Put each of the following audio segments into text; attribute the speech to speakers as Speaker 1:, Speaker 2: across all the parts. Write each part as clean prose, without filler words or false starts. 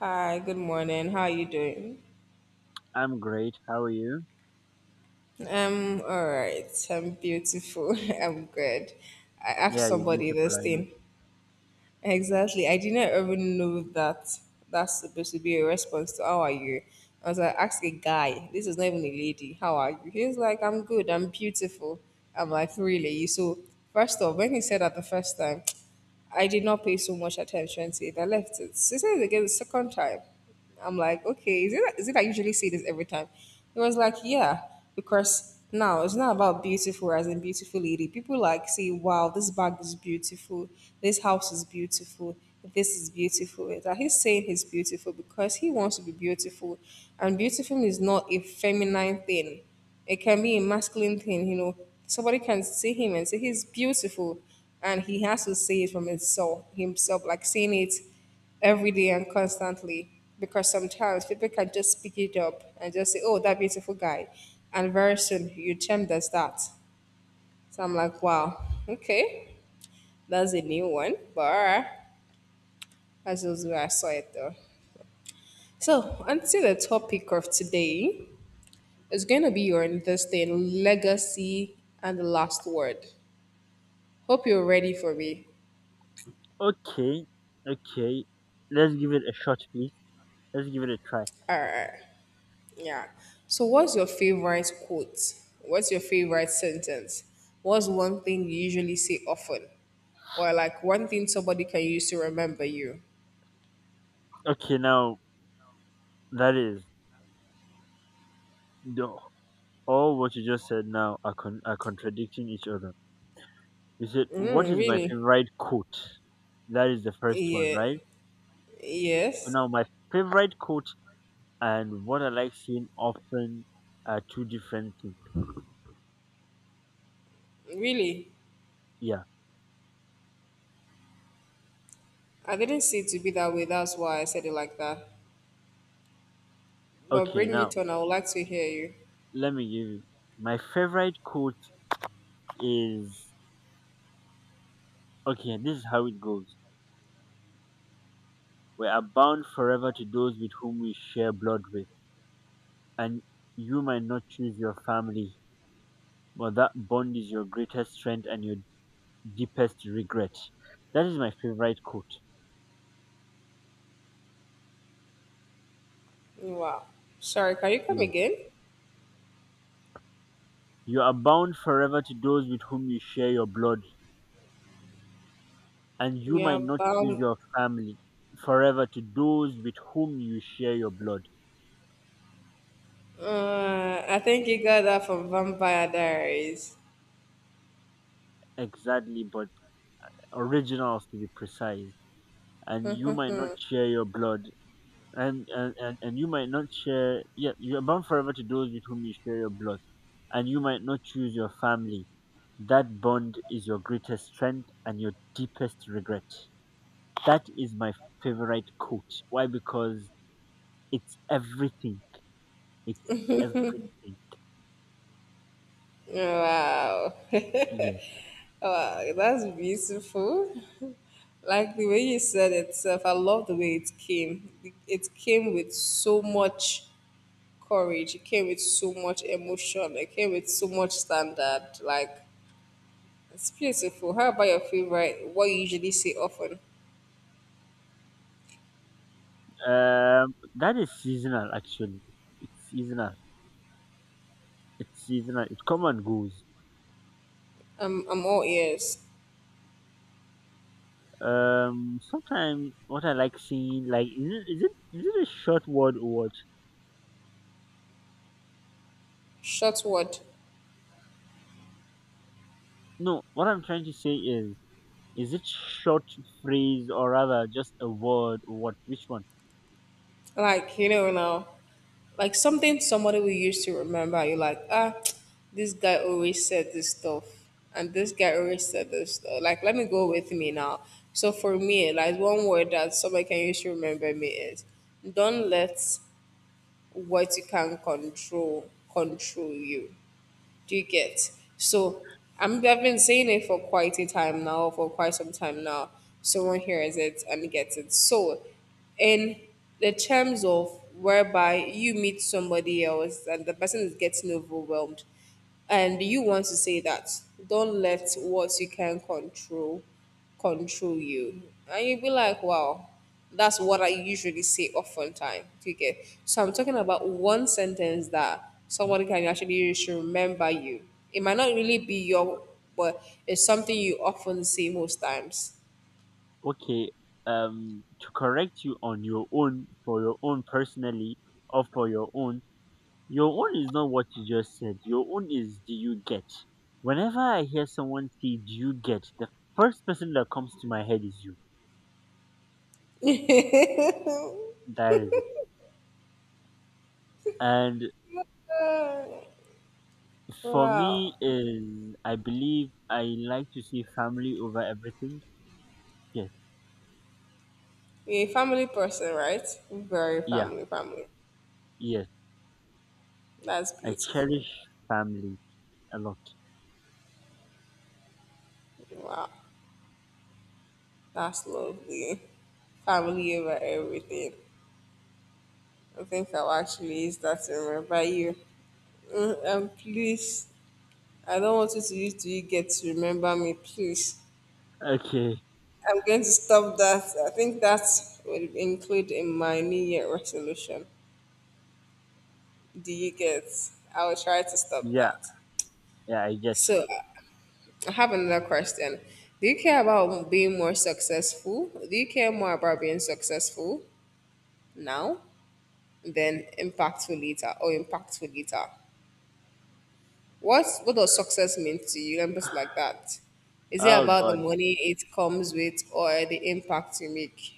Speaker 1: Hi, good morning. How are you doing?
Speaker 2: I'm great. How are you?
Speaker 1: All right. I'm beautiful. I'm good. I asked
Speaker 2: Yeah, you're
Speaker 1: somebody
Speaker 2: beautiful.
Speaker 1: this
Speaker 2: I know.
Speaker 1: thing. Exactly. I didn't even know that that's supposed to be a response to how are you. I was like, ask a guy. This is not even a lady. How are you? He was like, I'm good. I'm beautiful. I'm like, really? So first off, when he said that the first time, I did not pay so much attention to it. I left it. She said it again the second time. I'm like, okay, is it I usually say this every time? It was like, yeah, because now it's not about beautiful as in beautiful lady. People like say, wow, this bag is beautiful, this house is beautiful, this is beautiful. It's like he's saying he's beautiful because he wants to be beautiful, and beautiful is not a feminine thing. It can be a masculine thing, you know. Somebody can see him and say he's beautiful, and he has to say it from himself, himself, like saying it every day and constantly because sometimes people can just pick it up and just say, "Oh, that beautiful guy," and very soon you term does that. So I'm like, "Wow, okay, that's a new one." But all right, that's just where I saw it though. So until the topic of today is going to be your interesting legacy and the last word. Hope you're ready for me.
Speaker 2: Okay, okay. Let's give it a shot, please. Let's give it a try.
Speaker 1: All right. Yeah. So, what's your favorite quote? What's your favorite sentence? What's one thing you usually say often? Or, like, one thing somebody can use to remember you?
Speaker 2: Okay, now that is the, all what you just said. Now are are contradicting each other. You said what
Speaker 1: Mm,
Speaker 2: is my
Speaker 1: really?
Speaker 2: favorite quote? That is the first one,
Speaker 1: Yeah.
Speaker 2: right? So
Speaker 1: Yes.
Speaker 2: now my favorite quote and what I like seeing often are two different things.
Speaker 1: Really?
Speaker 2: Yeah.
Speaker 1: I didn't see it to be that way. That's why I said it like that. But
Speaker 2: Okay,
Speaker 1: bring
Speaker 2: now
Speaker 1: it on. I would like to hear you.
Speaker 2: let me give you my favorite quote is okay. This is how it goes. We are bound forever to those with whom we share blood with, and you might not choose your family, but that bond is your greatest strength and your deepest regret. That is my favorite quote.
Speaker 1: Wow. Sorry, can you come
Speaker 2: Yeah.
Speaker 1: again?
Speaker 2: You are bound forever to those with whom you share your blood, and you might
Speaker 1: Yeah,
Speaker 2: not choose
Speaker 1: bam.
Speaker 2: your family forever to those with whom you share your blood.
Speaker 1: I think you got that from Vampire Diaries.
Speaker 2: Exactly, but originals to be precise. And you might not share your blood, and, you might not share, yeah, you are bound forever to those with whom you share your blood, and you might not choose your family, that bond is your greatest strength and your deepest regret. That is my favorite quote. Why? Because it's everything. It's everything.
Speaker 1: Wow.
Speaker 2: Yeah.
Speaker 1: Wow, that's beautiful. Like the way you said it, Seth, I love the way it came. It came with so much courage. It came with so much emotion. It came with so much standard. Like it's beautiful. How about your favorite? What you usually say often?
Speaker 2: That is seasonal actually. It's seasonal. It's seasonal. It come and goes.
Speaker 1: I'm all ears.
Speaker 2: Sometimes what I like seeing like is is it a short word or what?
Speaker 1: Short word.
Speaker 2: No, what I'm trying to say is it short phrase or rather just a word or what? Which one?
Speaker 1: Like you know now. Like something somebody will use to remember. You're like, ah, this guy always said this stuff, and this guy always said this stuff. Like, let me go with me now. So for me, like one word that somebody can use to remember me is, don't let what you can control control you. Do you get? So I've been saying it for quite a time now, for quite some time now. Someone hears it and gets it. So, in the terms of whereby you meet somebody else and the person is getting overwhelmed, and you want to say that, don't let what you can control control you. And you'd be like, wow, that's what I usually say oftentimes. Do you get? So I'm talking about one sentence that somebody can actually use remember you. It might not really be your, but it's something you often see most times.
Speaker 2: Okay, to correct you on your own, for your own personally, or for your own is not what you just said. Your own is do you get? Whenever I hear someone say do you get, the first person that comes to my head is you. That is it. And for
Speaker 1: Wow.
Speaker 2: me is, I believe I like to see family over everything. Yes,
Speaker 1: You're a family person, right? Very
Speaker 2: yeah,
Speaker 1: family, family.
Speaker 2: yeah.
Speaker 1: That's
Speaker 2: I
Speaker 1: beautiful.
Speaker 2: cherish family a lot.
Speaker 1: Wow. That's lovely. Family over everything. I think I'll actually use that to remember you. Mm, and please I don't want you to use to you get to remember me, please.
Speaker 2: Okay.
Speaker 1: I'm going to stop that. I think that will include in my New Year resolution. Do you get? I will try to stop
Speaker 2: Yeah,
Speaker 1: that.
Speaker 2: yeah, I get.
Speaker 1: So I have another question. Do you care about being more successful? Do you care more about being successful now than impactful later or impactful later? What does success mean to you? Let me just like that. Is it
Speaker 2: Oh
Speaker 1: about the
Speaker 2: God.
Speaker 1: money it comes with or the impact you make?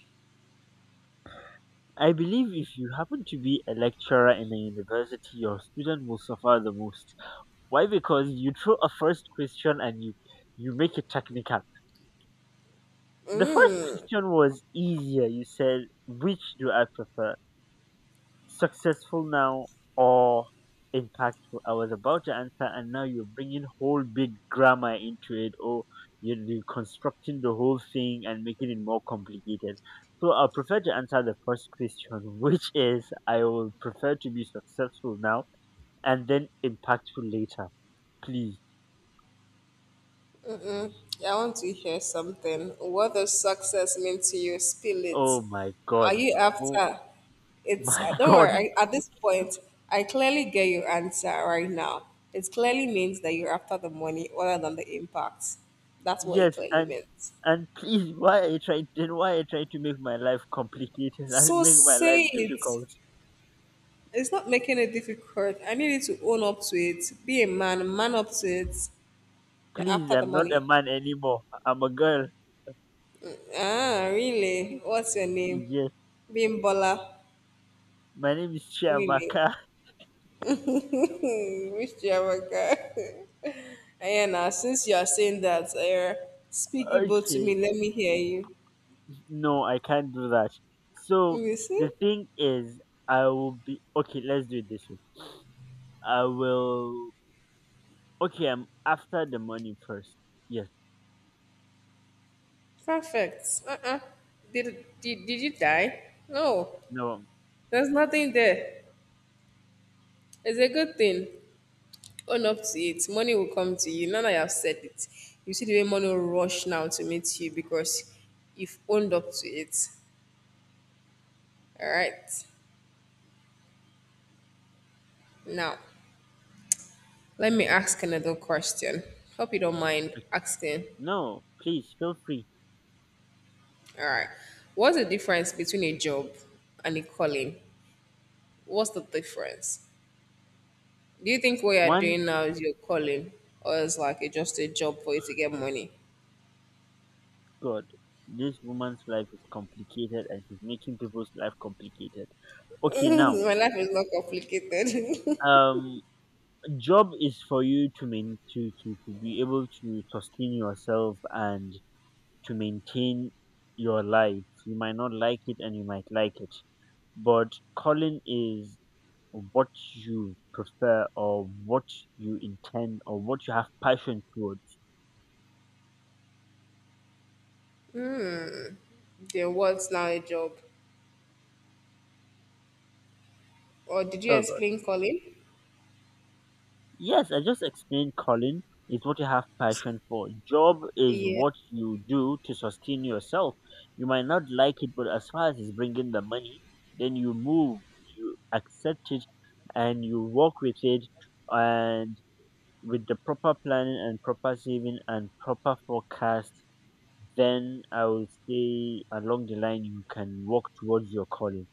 Speaker 2: I believe if you happen to be a lecturer in a university, your student will suffer the most. Why? Because you throw a first question and you make it technical. The first question was easier. You said, "Which do I prefer? Successful now or impactful." I was about to answer, and now you're bringing whole big grammar into it, or you're reconstructing the whole thing and making it more complicated. So I prefer to answer the first question, which is I will prefer to be successful now and then impactful later. Please.
Speaker 1: Yeah, I want to hear something. What does success mean to you? Spill it.
Speaker 2: Oh my
Speaker 1: Are
Speaker 2: God.
Speaker 1: you
Speaker 2: Oh
Speaker 1: after? It's
Speaker 2: my
Speaker 1: don't
Speaker 2: God.
Speaker 1: worry. At this point, I clearly get your answer right now. It clearly means that you're after the money rather than the impact. That's what it
Speaker 2: Yes,
Speaker 1: clearly
Speaker 2: and
Speaker 1: means.
Speaker 2: why are you trying? Then why are you trying to make my life complicated and
Speaker 1: So
Speaker 2: make my life
Speaker 1: say it.
Speaker 2: difficult?
Speaker 1: It's not making it difficult. I need you to own up to it. Be a man. Man up to it. You're
Speaker 2: Please,
Speaker 1: after the
Speaker 2: I'm not a
Speaker 1: money.
Speaker 2: man anymore. I'm a girl.
Speaker 1: Ah, really? What's your name?
Speaker 2: Yes.
Speaker 1: Bimbola.
Speaker 2: My name is
Speaker 1: Really?
Speaker 2: Chiamaka.
Speaker 1: Miss Jamaica. Ayana, since you are saying that, speak Igbo to
Speaker 2: okay.
Speaker 1: me. Let me hear you.
Speaker 2: No, I can't do that. So
Speaker 1: You see?
Speaker 2: the thing is, I will be okay. Let's do it this way. I will. Okay, I'm after the money first. Yes.
Speaker 1: Perfect. Uh-uh. Did you die? No.
Speaker 2: No.
Speaker 1: There's nothing there. It's a good thing. Own up to it. Money will come to you. Now that I have said it, you see the way money will rush now to meet you because you've owned up to it. All right. Now, let me ask another question. Hope you don't mind asking.
Speaker 2: No. Please feel free.
Speaker 1: All right. What's the difference between a job and a calling? What's the difference? Do you think what you're
Speaker 2: One
Speaker 1: doing now is your calling, or it's like it's just a job for you to get money?
Speaker 2: God. This woman's life is complicated, and she's making people's life complicated. Okay, now.
Speaker 1: My life is not complicated.
Speaker 2: Um. Job is for you to main to be able to sustain yourself and to maintain your life. You might not like it and you might like it, but calling is what you prefer or what you intend or what you have passion towards.
Speaker 1: Then what's now a job? Or did you
Speaker 2: oh,
Speaker 1: explain calling?
Speaker 2: Yes, I just explained, Colin, is what you have passion for. Job is
Speaker 1: Yeah,
Speaker 2: what you do to sustain yourself. You might not like it, but as far as it's bringing the money, then you move, you accept it, and you work with it, and with the proper planning and proper saving and proper forecast, then I would say along the line you can work towards your calling.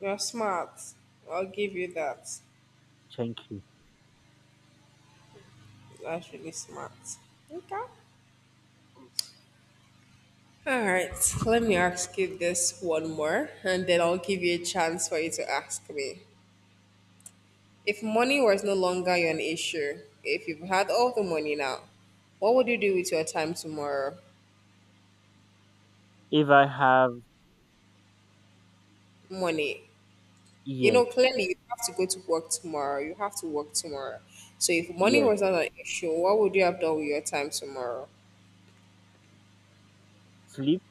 Speaker 1: you're smart. I'll give you that.
Speaker 2: Thank you.
Speaker 1: That's really smart. Okay. All right, let me ask you this one more, and then I'll give you a chance for you to ask me. If money was no longer an issue, if you've had all the money now, what would you do with your time tomorrow?
Speaker 2: If I have
Speaker 1: Money. You
Speaker 2: yes,
Speaker 1: know, clearly you have to go to work tomorrow. You have to work tomorrow. So if money
Speaker 2: yes,
Speaker 1: was not an issue, what would you have done with your time tomorrow?
Speaker 2: sleep,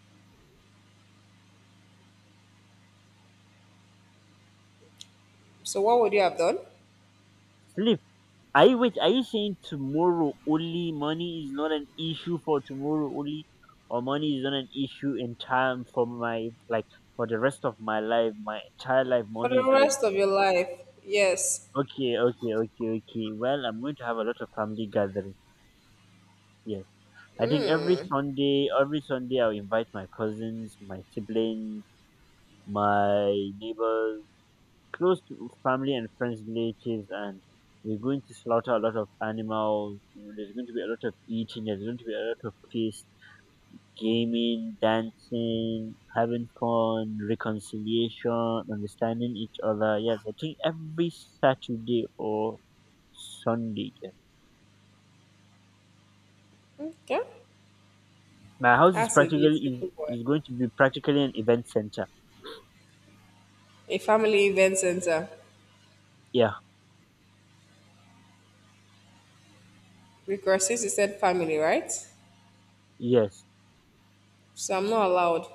Speaker 1: So what would you have done?
Speaker 2: sleep. Are you wait? Are you saying tomorrow only money is not an issue for tomorrow only, or money is not an issue in time for my like for the rest of my life, my entire life?
Speaker 1: For
Speaker 2: Money
Speaker 1: the
Speaker 2: is not an
Speaker 1: rest of your life, yes.
Speaker 2: okay, okay, okay, okay. Well, I'm going to have a lot of family gatherings. Yes, I think every Sunday I'll invite my cousins, my siblings, my neighbors, close to family and friends relatives, and we're going to slaughter a lot of animals. You know, there's going to be a lot of eating, there's going to be a lot of feast, gaming, dancing, having fun, reconciliation, understanding each other. Yes, I think every Saturday or Sunday. Yeah.
Speaker 1: Okay.
Speaker 2: my house is
Speaker 1: That's a
Speaker 2: practically
Speaker 1: beautiful one.
Speaker 2: is going to be practically an event center.
Speaker 1: A family event center.
Speaker 2: Yeah.
Speaker 1: Because since you said family, right?
Speaker 2: Yes.
Speaker 1: So I'm not allowed.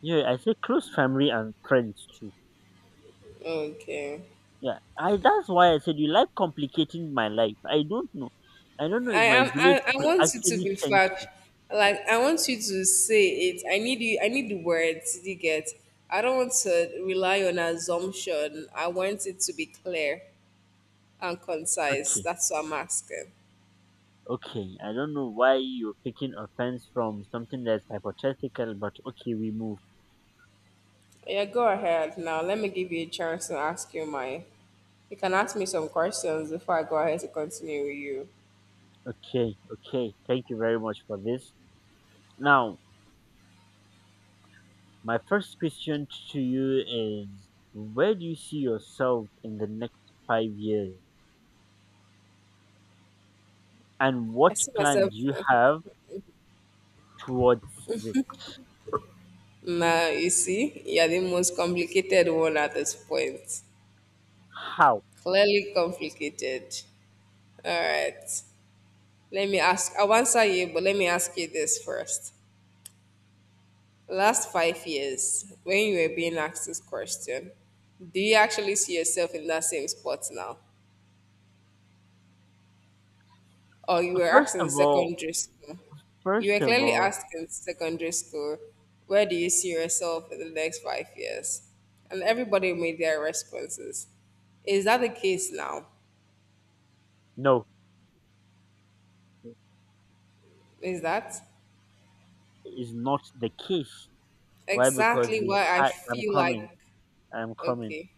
Speaker 2: Yeah, I say close family and friends too.
Speaker 1: Okay.
Speaker 2: Yeah, I that's why I said you like complicating my life. I don't know. I don't know
Speaker 1: I
Speaker 2: if my
Speaker 1: am.
Speaker 2: village
Speaker 1: I
Speaker 2: people
Speaker 1: want you to
Speaker 2: actually
Speaker 1: be
Speaker 2: sent
Speaker 1: fact.
Speaker 2: you.
Speaker 1: Like I want you to say it. I need you. I need the words. You get. I don't want to rely on assumption. I want it to be clear and concise.
Speaker 2: Okay,
Speaker 1: That's what I'm asking.
Speaker 2: okay. I don't know why you're taking offense from something that's hypothetical, but okay, we move.
Speaker 1: Yeah, go ahead now. Let me give you a chance to ask you my. You can ask me some questions before I go ahead to continue with you.
Speaker 2: Okay, okay. Thank you very much for this. Now, my first question to you is where do you see yourself in the next 5 years? And
Speaker 1: I
Speaker 2: what
Speaker 1: see
Speaker 2: plan
Speaker 1: myself.
Speaker 2: do you have towards it?
Speaker 1: Now you see, you're the most complicated one at this point.
Speaker 2: How?
Speaker 1: Clearly complicated. All right. Let me ask, I'll answer you, but let me ask you this first. Last 5 years, when you were being asked this question, do you actually see yourself in that same spot now? Or you were
Speaker 2: First
Speaker 1: asked in
Speaker 2: of all,
Speaker 1: secondary school? You
Speaker 2: first
Speaker 1: were
Speaker 2: of
Speaker 1: clearly
Speaker 2: all,
Speaker 1: asked in secondary school, where do you see yourself in the next 5 years? And everybody made their responses. Is that the case now?
Speaker 2: no
Speaker 1: Is that
Speaker 2: is not the case. Why? Because
Speaker 1: exactly
Speaker 2: we
Speaker 1: why I
Speaker 2: had, I'm
Speaker 1: feel like,
Speaker 2: coming, I'm coming.
Speaker 1: okay,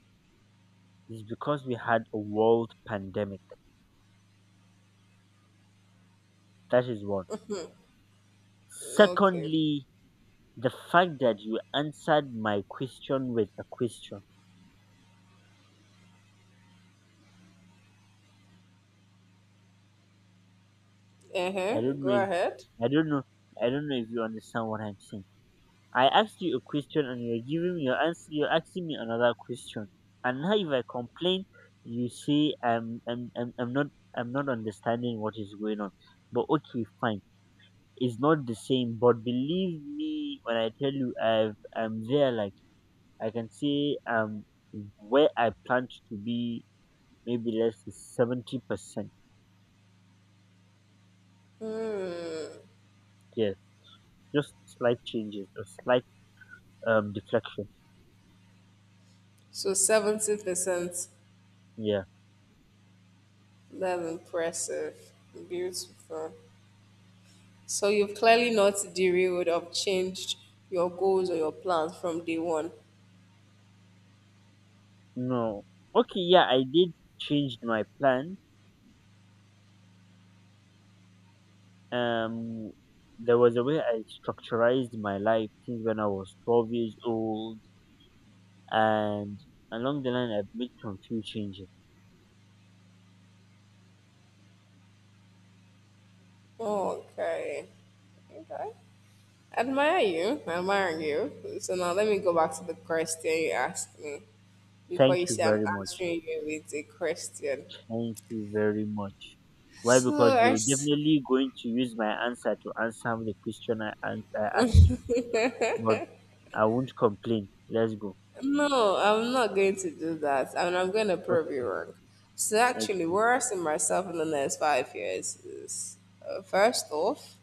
Speaker 2: It's because we had a world pandemic. That is one.
Speaker 1: okay,
Speaker 2: Secondly, the fact that you answered my question with a question.
Speaker 1: uh
Speaker 2: I
Speaker 1: huh,
Speaker 2: don't
Speaker 1: go
Speaker 2: know. If,
Speaker 1: ahead.
Speaker 2: I don't know. I don't know if you understand what I'm saying. I asked you a question and you're giving me your answer. You're asking me another question. And now if I complain, you say I'm not understanding what is going on. But okay, fine is not the same. But believe me when I tell you, I'm there. Like I can say, where I planned to be, maybe less 70%.
Speaker 1: Hmm.
Speaker 2: Yeah, just slight changes, a slight deflection.
Speaker 1: So 70%
Speaker 2: Yeah.
Speaker 1: that's impressive. Beautiful. So you've clearly not derailed or changed your goals or your plans from day one.
Speaker 2: No. Okay. Yeah, I did change my plan. Um, there was a way I structurized my life since when I was 12 years old, and along the line, I've made some few changes.
Speaker 1: Okay. Okay. Admire you. Admire you. So now let me go back to the question you asked me before
Speaker 2: Thank
Speaker 1: you
Speaker 2: you
Speaker 1: say I'm
Speaker 2: very much.
Speaker 1: answering you with a question.
Speaker 2: Thank you very much. Why?
Speaker 1: So
Speaker 2: Because
Speaker 1: I
Speaker 2: you're
Speaker 1: s-
Speaker 2: definitely going to use my answer to answer the question I asked you. But I won't complain. Let's go.
Speaker 1: No, I'm not going to do that. And I'm going to prove you
Speaker 2: Okay.
Speaker 1: wrong. So, actually,
Speaker 2: Okay.
Speaker 1: where I see myself in the next 5 years is first off,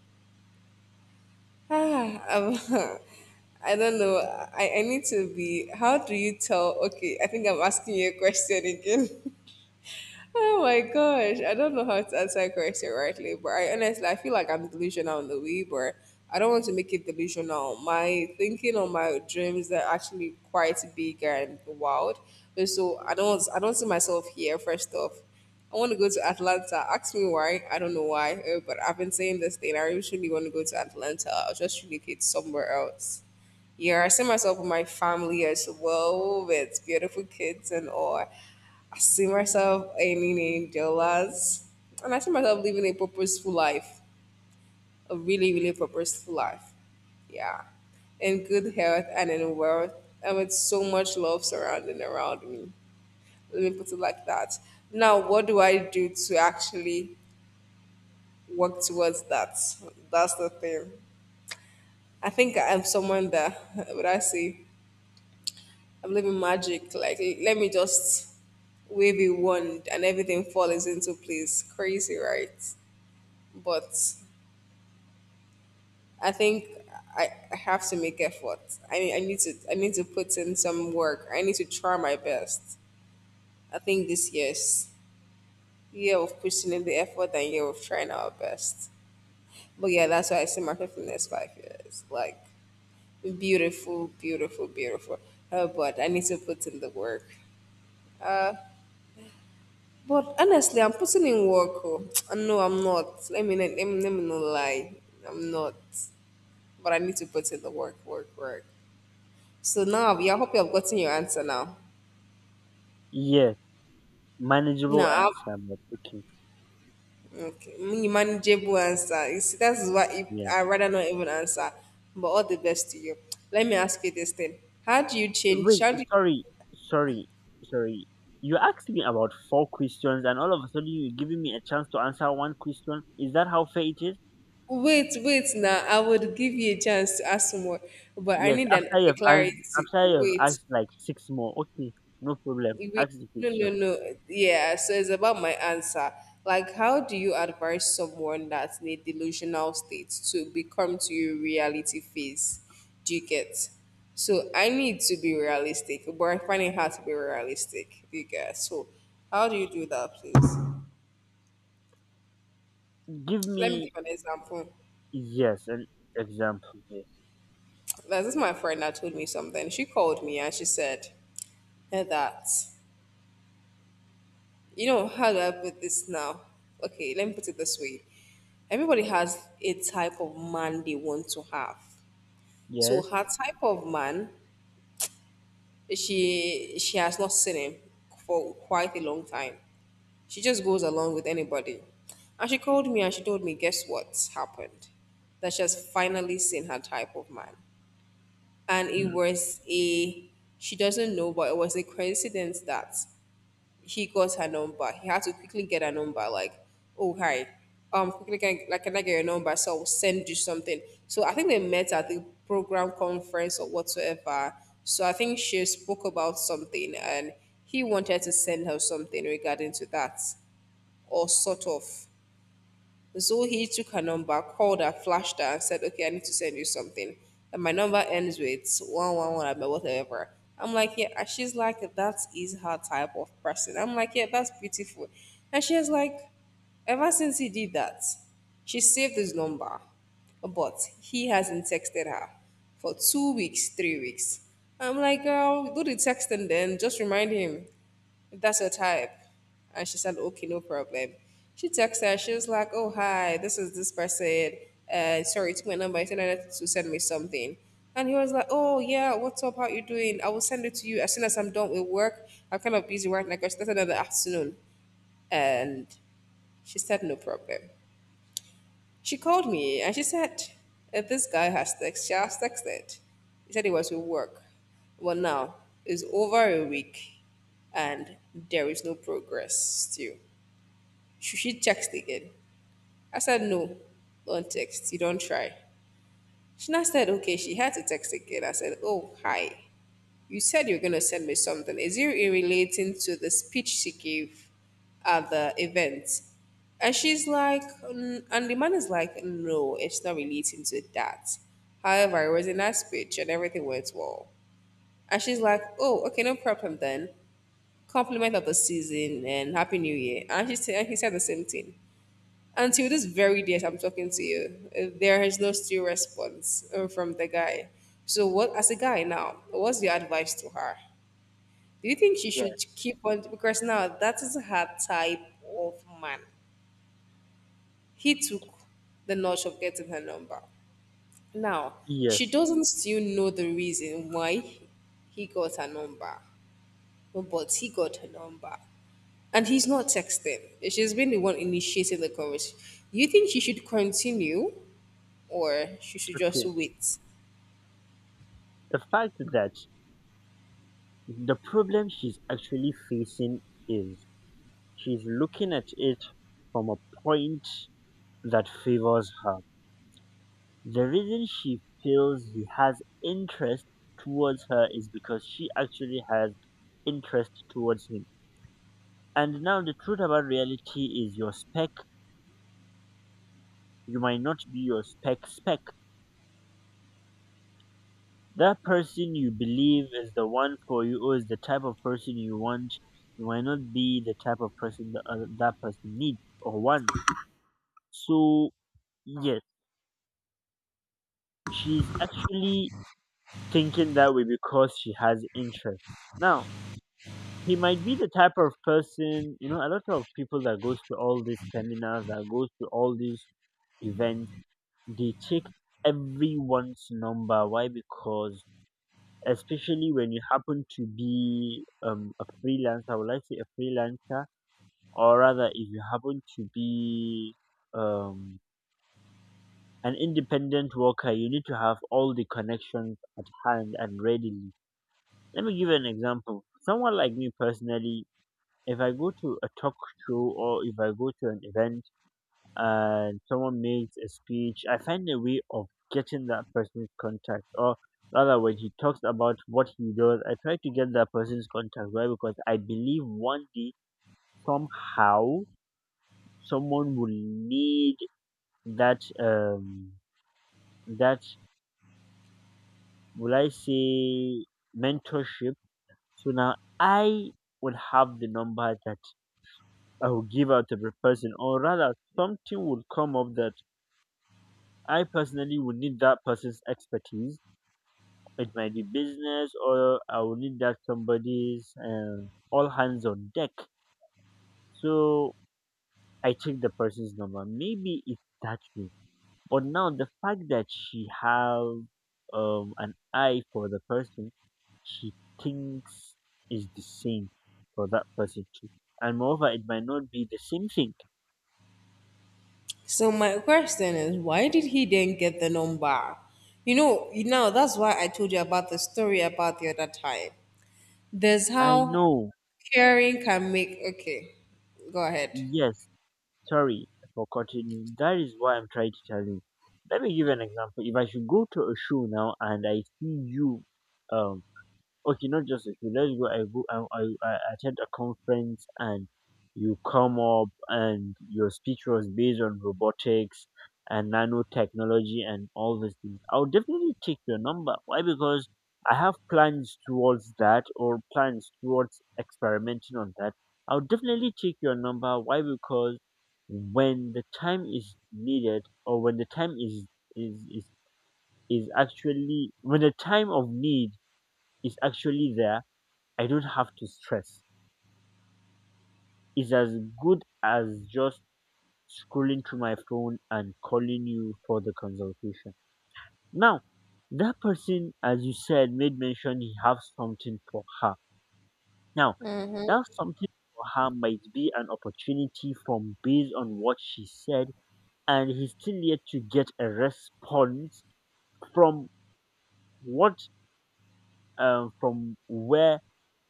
Speaker 1: I'm- Ah, I'm. I don't know. I need to be. How do you tell? Okay, I think I'm asking you a question again. Oh my gosh, I don't know how to answer that question rightly, but I honestly I feel like I'm delusional in the way, but I don't want to make it delusional. My thinking on my dreams are actually quite big and wild. And so I don't see myself here first off. I want to go to Atlanta. Ask me why. I don't know why, but I've been saying this thing. I really want to go to Atlanta. I'll just relocate somewhere else. Yeah, I see myself with my family as well, with beautiful kids and all. I see myself earning in dollars, and I see myself living a purposeful life, a really, really purposeful life. Yeah, in good health and in wealth, and with so much love surrounding around me. Let me put it like that. Now, what do I do to actually work towards that? That's the thing. I think I'm someone that, what I say, I'm living magic. Like, let me just wave a wand and everything falls into place. Crazy, right? But I think I have to make effort. I need to put in some work. I need to try my best. I think this year's year of putting in the effort and year of trying our best. But yeah, that's why I see myself in the next 5 years. Like beautiful, beautiful, beautiful. But I need to put in the work. Uh, but honestly, I'm putting in work. Oh. No, I'm not. Let me not lie. I'm not. But I need to put in the work, work, work. So now I hope you have gotten your answer now.
Speaker 2: Yes.
Speaker 1: No,
Speaker 2: Manageable answer,
Speaker 1: I-
Speaker 2: but okay.
Speaker 1: okay, manageable answer. You see, that's why if
Speaker 2: Yeah.
Speaker 1: I rather not even answer. But all the best to you. Let me ask you this thing. How do you change?
Speaker 2: Wait, sorry. Sorry. Sorry. You asked me about four questions and all of a sudden you're giving me a chance to answer one question. Is that how fair it is?
Speaker 1: Wait, wait. Now I would give you a chance to ask more, but I
Speaker 2: Yes,
Speaker 1: need an a clarity.
Speaker 2: after you've
Speaker 1: Wait,
Speaker 2: asked like six more. Okay, no problem.
Speaker 1: We,
Speaker 2: Ask the
Speaker 1: no,
Speaker 2: question.
Speaker 1: no, no. Yeah, so it's about my answer. Like, how do you advise someone that's in a delusional state to become to your reality phase? Do you get? So I need to be realistic, but I find it hard to be realistic. Do you get? So how do you do that, please?
Speaker 2: Give
Speaker 1: Let me
Speaker 2: me
Speaker 1: give an example.
Speaker 2: yes, an example. Yes,
Speaker 1: This is my friend that told me something. She called me and she said that you know how do I put this now? Okay, let me put it this way. Everybody has a type of man they want to have. So
Speaker 2: yes,
Speaker 1: her type of man, she has not seen him for quite a long time. She just goes along with anybody. And she called me and she told me, guess what's happened? That she has finally seen her type of man. And it
Speaker 2: Mm.
Speaker 1: was a she doesn't know, but it was a coincidence that he got her number. He had to quickly get her number, like, oh hi, quickly can like can I get your number? So I'll send you something. So I think they met at the program conference or whatsoever. So I think she spoke about something and he wanted to send her something regarding to that or sort of. So he took her number, called her, flashed her, and said, okay, I need to send you something. And my number ends with 111, but whatever. I'm like, yeah. And she's like, that is her type of person. I'm like, yeah, that's beautiful. And she's like, ever since he did that, she saved his number, but he hasn't texted her for 2 weeks, 3 weeks. I'm like, girl, do the texting then. Just remind him. That's her type. And she said, okay, no problem. She texted her. She was like, oh, hi, this is this person. Sorry, took my number. I said I need to send me something. And he was like, oh, yeah, what's up? How you doing? I will send it to you as soon as I'm done with work. I'm kind of busy right now because that's another afternoon. And she said, no problem. She called me and she said, "If this guy has text, she has texted. He said he was with work. Well, now it's over a week and there is no progress still. Should she text again?" I said, no, don't text. You don't try. She now said, okay, she had to text again. I said, oh, hi. You said you're gonna send me something. Is it relating to the speech she gave at the event? And she's like, "Mm," and the man is like, no, it's not relating to that. However, it was a nice speech and everything went well. And she's like, oh, okay, no problem then. Compliment of the season and happy new year. And she said, and he said the same thing. Until this very day, as I'm talking to you, there is no still response from the guy. So, what as a guy now, what's your advice to her? Do you think she
Speaker 2: Yes,
Speaker 1: should keep on because now that is her type of man? He took the notch of getting her number. Now she
Speaker 2: yes.
Speaker 1: doesn't still know the reason why he got her number, but he got her number, and he's not texting. She's been the one initiating the conversation. Do you think she should continue, or she should just
Speaker 2: Okay.
Speaker 1: wait?
Speaker 2: The fact that the problem she's actually facing is she's looking at it from a point that favors her. The reason she feels he has interest towards her is because she actually has interest towards him. And now the truth about reality is your spec, you might not be your spec. That person you believe is the one for you or is the type of person you want might not be the type of person that, that person needs or wants. So, yes, she's actually thinking that way because she has interest. Now, he might be the type of person, you know, a lot of people that goes to all these seminars, that goes to all these events, they check everyone's number. Why? Because especially when you happen to be a freelancer. Would I say a freelancer, or rather, if you happen to be um, an independent worker, you need to have all the connections at hand and readily. Let me give you an example. Someone like me personally, if I go to a talk show or if I go to an event and someone makes a speech, I find a way of getting that person's contact. Or rather, when he talks about what he does, I try to get that person's contact. Why? Because I believe one day, somehow, someone will need that, that, will I say, mentorship. So now I will have the number that I will give out to the person, or rather, something will come up that I personally will need that person's expertise. It might be business, or I will need that somebody's all hands on deck. So I take the person's number. Maybe it's that way. But now the fact that she have an eye for the person, she thinks is the same for that person too. And moreover, it might not be the same thing.
Speaker 1: So my question is, why did he then get the number? You know that's why I told you about the story about the other time. There's
Speaker 2: I
Speaker 1: how
Speaker 2: know.
Speaker 1: caring can make. Okay, go ahead.
Speaker 2: Yes, sorry for cutting you. That is what I'm trying to tell you. Let me give you an example. If I should go to a show now and I see you, um, okay, not just a few. Let's go. I go. I attend a conference and you come up and your speech was based on robotics and nanotechnology and all these things. I'll definitely take your number. Why? Because I have plans towards that or plans towards experimenting on that. I'll definitely take your number. Why? Because when the time is is, is actually when the time of need is actually there, I don't have to stress. It's as good as just scrolling through my phone and calling you for the consultation. Now, that person, as you said, made mention he have something for her. Now, that something for her might be an opportunity from based on what she said, and he's still yet to get a response from what from where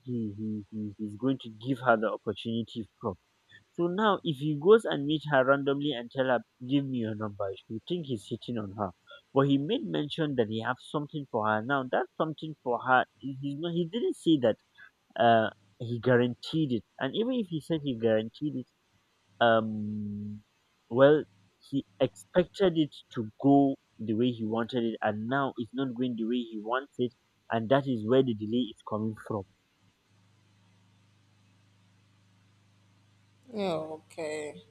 Speaker 2: he's going to give her the opportunity from. So now if he goes and meet her randomly and tell her, give me your number, she will think he's hitting on her. But he made mention that he has something for her. Now that something for her, he's not, he didn't say that uh, he guaranteed it. And even if he said he guaranteed it, um, well, he expected it to go the way he wanted it, and now it's not going the way he wants it, and that is where the delay is coming from.
Speaker 1: Oh, okay.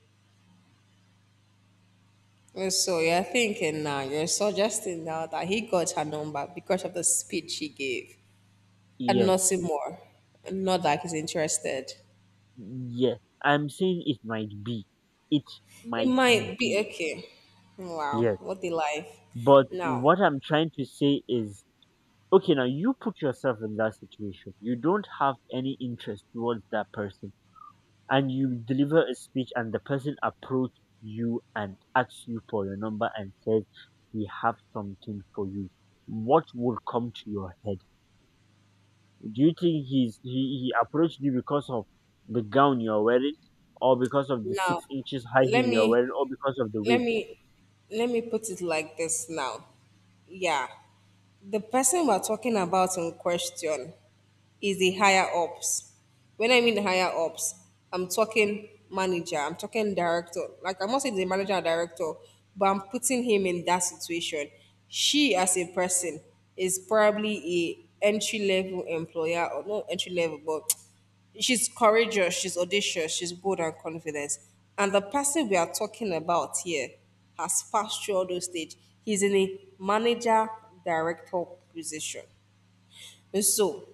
Speaker 1: Yes, so you're thinking now, you're suggesting now that he got her number because of the speech he gave and
Speaker 2: Yes.
Speaker 1: nothing more. And not that he's interested.
Speaker 2: Yes, I'm saying it might be. It
Speaker 1: It
Speaker 2: might
Speaker 1: might be
Speaker 2: be.
Speaker 1: okay. Wow,
Speaker 2: Yes.
Speaker 1: what a life.
Speaker 2: But
Speaker 1: Now,
Speaker 2: what I'm trying to say is okay, now you put yourself in that situation. You don't have any interest towards that person, and you deliver a speech, and the person approaches you and asks you for your number and says, "We have something for you." What would come to your head? Do you think he approached you because of the gown you're wearing or because of the six
Speaker 1: now,
Speaker 2: inches high
Speaker 1: let
Speaker 2: heel you're
Speaker 1: me
Speaker 2: wearing or because of the
Speaker 1: let
Speaker 2: wig?
Speaker 1: me let me put it like this now, yeah. The person we're talking about in question is the higher ups. When I mean higher ups, I'm talking manager, I'm talking director. Like, I'm not saying the manager or director, but I'm putting him in that situation. She as a person is probably a entry level employer or not entry level, but she's courageous, she's audacious, she's bold and confident. And the person we are talking about here has passed through all those stages. He's in a manager director position. And so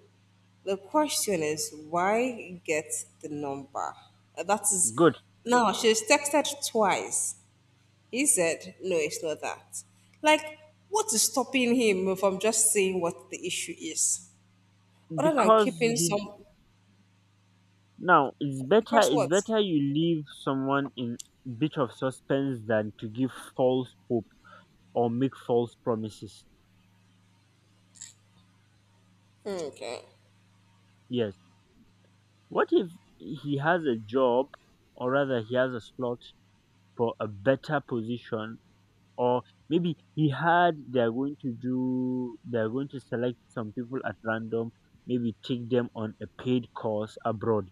Speaker 1: the question is, why get the number? That is
Speaker 2: Good.
Speaker 1: now she's texted twice. He said, no, it's not that. Like, what is stopping him from just saying what the issue is? Other than
Speaker 2: Because
Speaker 1: keeping
Speaker 2: he
Speaker 1: some
Speaker 2: now it's better,
Speaker 1: because what?
Speaker 2: you leave someone in bit of suspense than to give false hope or make false promises.
Speaker 1: Okay.
Speaker 2: Yes. What if he has a job or rather he has a slot for a better position, or maybe he had, they're going to do, they're going to select some people at random, maybe take them on a paid course abroad,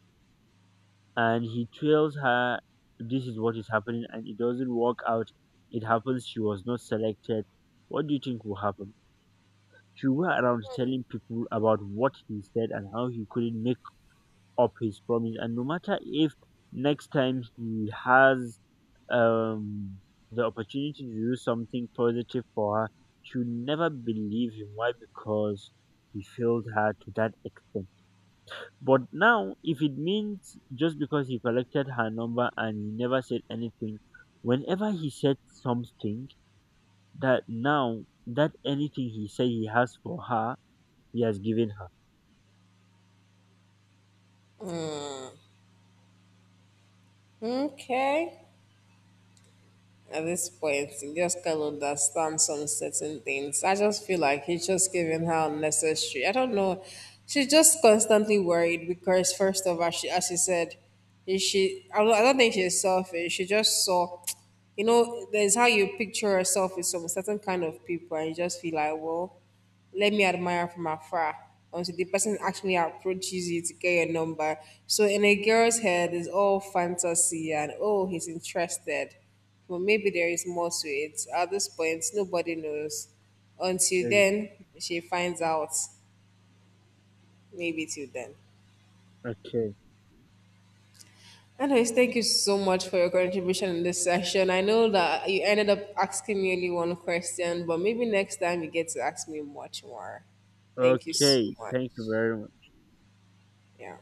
Speaker 2: and he tells her this is what is happening and it doesn't work out. It happens she was not selected. What do you think will happen? She will go around telling people about what he said and how he couldn't make up his promise, and no matter if next time he has um the opportunity to do something positive for her, she will never believe him. Why? Because he failed her to that extent. But now, if it means just because he collected her number and he never said anything, whenever he said something, that now that anything he said he has for her, he has given her.
Speaker 1: Okay, at this point, you just can't understand some certain things. I just feel like he's just giving her unnecessary. I don't know. She's just constantly worried because, first of all, she, as she said, is she. I don't think she's selfish. She just saw, you know, there's how you picture yourself with some certain kind of people, and you just feel like, well, let me admire from afar until the person actually approaches you to get your number. So in a girl's head, it's all fantasy and oh, he's interested. Well, maybe there is more to it. At this point, nobody knows. Until
Speaker 2: Ex-
Speaker 1: then, she finds out. Maybe till then.
Speaker 2: okay.
Speaker 1: Anyways, thank you so much for your contribution in this section. I know that you ended up asking me only one question, but maybe next time you get to ask me much more. Thank you so
Speaker 2: Okay.
Speaker 1: much.
Speaker 2: Thank you very much.
Speaker 1: Yeah.